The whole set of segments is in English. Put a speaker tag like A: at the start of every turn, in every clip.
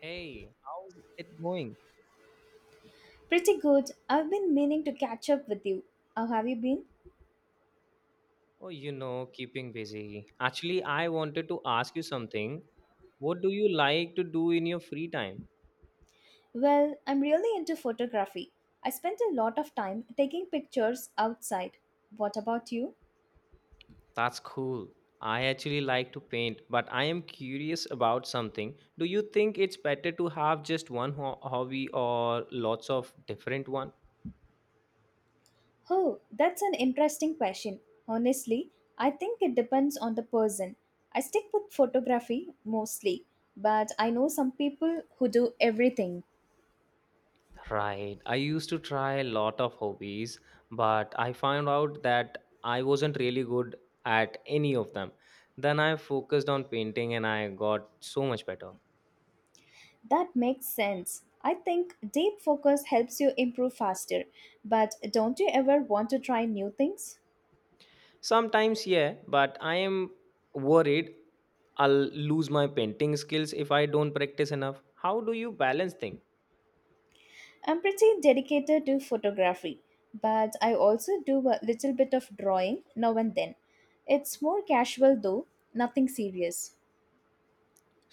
A: Hey, how's it going?
B: Pretty good. I've been meaning to catch up with you. How have you been?
A: Oh, you know, keeping busy. Actually, I wanted to ask you something. What do you like to do in your free time?
B: Well, I'm really into photography. I spent a lot of time taking pictures outside. What about you?
A: That's cool. I actually like to paint, but I am curious about something. Do you think it's better to have just one ho hobby or lots of different one?
B: Oh, that's an interesting question. Honestly, I think it depends on the person. I stick with photography mostly, but I know some people who do everything.
A: Right. I used to try a lot of hobbies, but I found out that I wasn't really good at any of them. Then I focused on painting and I got so much better.
B: That makes sense. I think deep focus helps you improve faster, but don't you ever want to try new things?
A: Sometimes, yeah, but I am worried I'll lose my painting skills if I don't practice enough. How do you balance things
B: I'm pretty dedicated to photography, but I also do a little bit of drawing now and then. It's more casual though, nothing serious.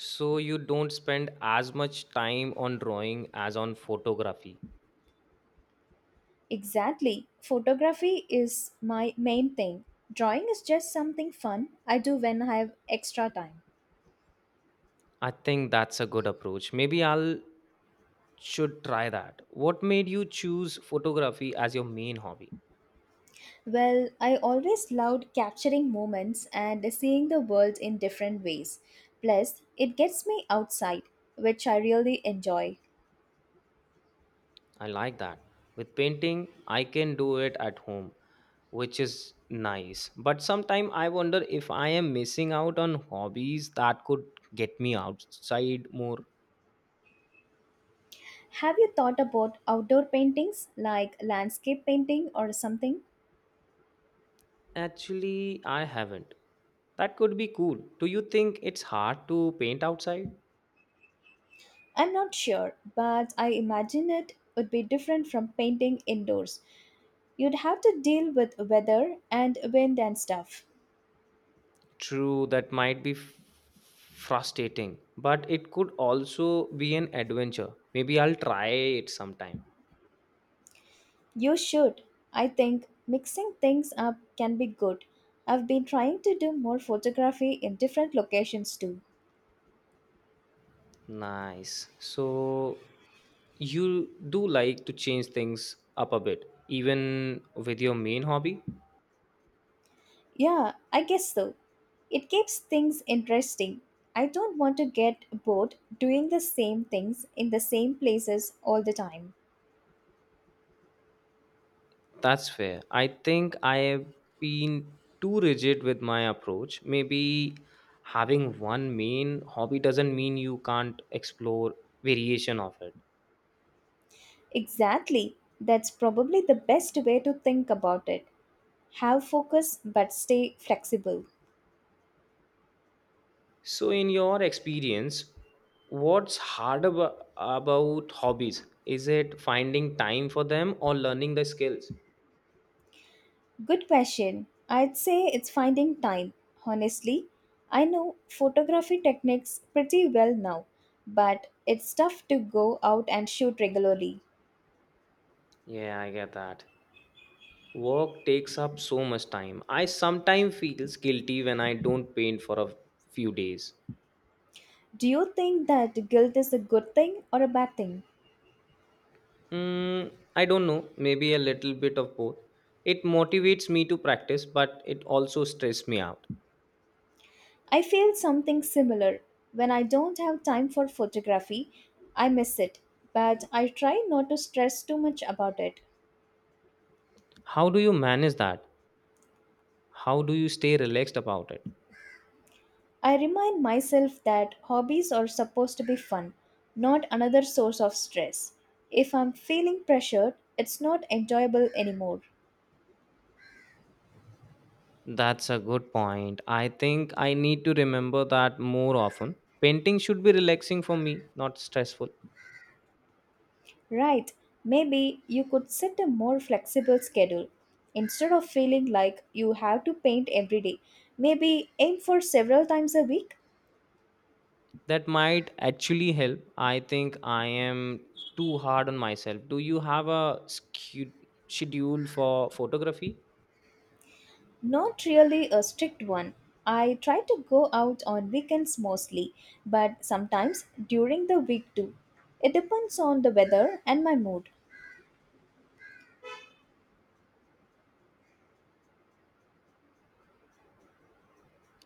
A: so you don't spend as much time on drawing as on photography?
B: Exactly. Photography is my main thing. Drawing is just something fun I do when I have extra time.
A: I think that's a good approach. Maybe I'll should try that. What made you choose photography as your main hobby?
B: Well, I always loved capturing moments and seeing the world in different ways. Plus, it gets me outside, which I really enjoy.
A: I like that. With painting, I can do it at home, which is nice. But sometimes I wonder if I am missing out on hobbies that could get me outside more.
B: Have you thought about outdoor paintings like landscape painting or something?
A: Actually, I haven't. That could be cool. Do you think it's hard to paint outside?
B: I'm not sure, but I imagine it would be different from painting indoors. You'd have to deal with weather and wind and stuff.
A: True, that might be frustrating, but it could also be an adventure. Maybe I'll try it sometime.
B: You should. I think mixing things up can be good. I've been trying to do more photography in different locations too.
A: Nice. So you do like to change things up a bit, even with your main hobby?
B: Yeah, I guess so. It keeps things interesting. I don't want to get bored doing the same things in the same places all the time.
A: That's fair. I think I have been too rigid with my approach. Maybe having one main hobby doesn't mean you can't explore variation of it.
B: Exactly. That's probably the best way to think about it. Have focus but stay flexible.
A: So in your experience, what's hard about hobbies? Is it finding time for them or learning the skills?
B: Good question. I'd say it's finding time. Honestly, I know photography techniques pretty well now, but it's tough to go out and shoot regularly.
A: Yeah, I get that. Work takes up so much time. I sometimes feels guilty when I don't paint for a few days.
B: Do you think that guilt is a good thing or a bad thing?
A: Hmm, I don't know, maybe a little bit of both. It motivates me to practice, but it also stresses me out.
B: I feel something similar. When I don't have time for photography, I miss it, but I try not to stress too much about it.
A: How do you manage that? How do you stay relaxed about it?
B: I remind myself that hobbies are supposed to be fun, not another source of stress. If I'm feeling pressured, it's not enjoyable anymore.
A: That's a good point. I think I need to remember that more often. Painting should be relaxing for me, not stressful.
B: Right, maybe you could set a more flexible schedule. Instead of feeling like you have to paint every day, maybe aim for several times a week.
A: That might actually help. I think I am too hard on myself. Do you have a schedule for photography?
B: Not really a strict one. I try to go out on weekends mostly, but sometimes during the week too. It depends on the weather and my mood.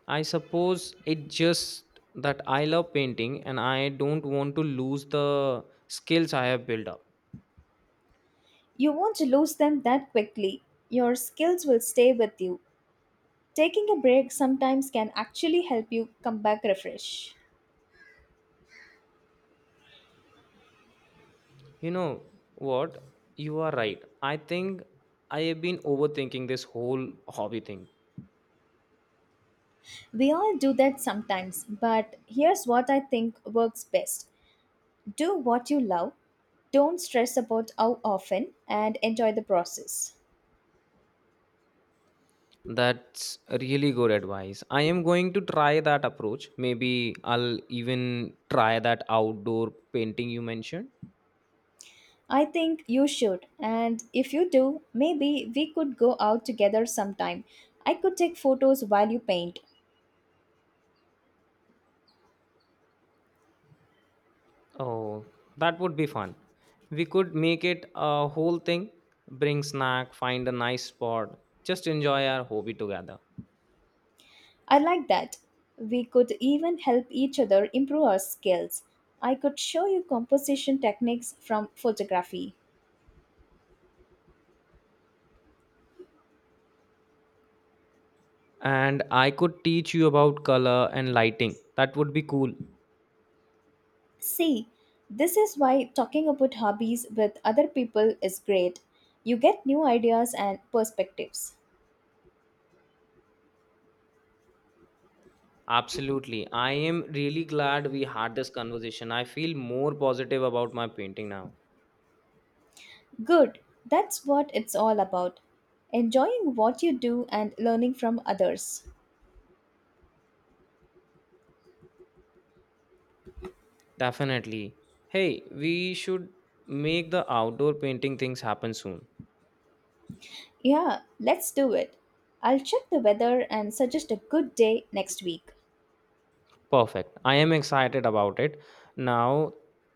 A: I suppose it just that I love painting and I don't want to lose the skills I have built up.
B: You won't lose them that quickly. Your skills will stay with you. Taking a break sometimes can actually help you come back refreshed.
A: You know what? You are right. I think I have been overthinking this whole hobby thing.
B: We all do that sometimes, but here's what I think works best, do what you love, don't stress about how often, and enjoy the process.
A: That's really good advice. I am going to try that approach. Maybe I'll even try that outdoor painting you mentioned.
B: I think you should, and if you do, maybe we could go out together sometime. I could take photos while you paint.
A: Oh, that would be fun. We could make it a whole thing, bring snack, find a nice spot, just enjoy our hobby together.
B: I like that. We could even help each other improve our skills. I could show you composition techniques from photography.
A: And I could teach you about color and lighting. That would be cool.
B: See, this is why talking about hobbies with other people is great. You get new ideas and perspectives.
A: Absolutely. I am really glad we had this conversation. I feel more positive about my painting now.
B: Good, that's what it's all about. Enjoying what you do and learning from others.
A: Definitely. Hey, we should make the outdoor painting things happen soon.
B: Yeah, let's do it. I'll check the weather and suggest a good day next week.
A: Perfect. I am excited about it. Now,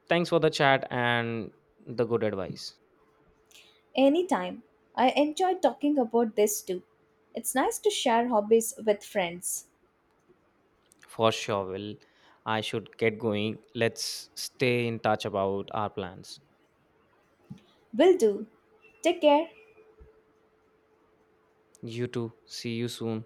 A: thanks for the chat and the good advice.
B: Anytime. I enjoy talking about this too. It's nice to share hobbies with friends.
A: For sure, Will. I should get going. Let's stay in touch about our plans.
B: Will do. Take care.
A: You too. See you soon.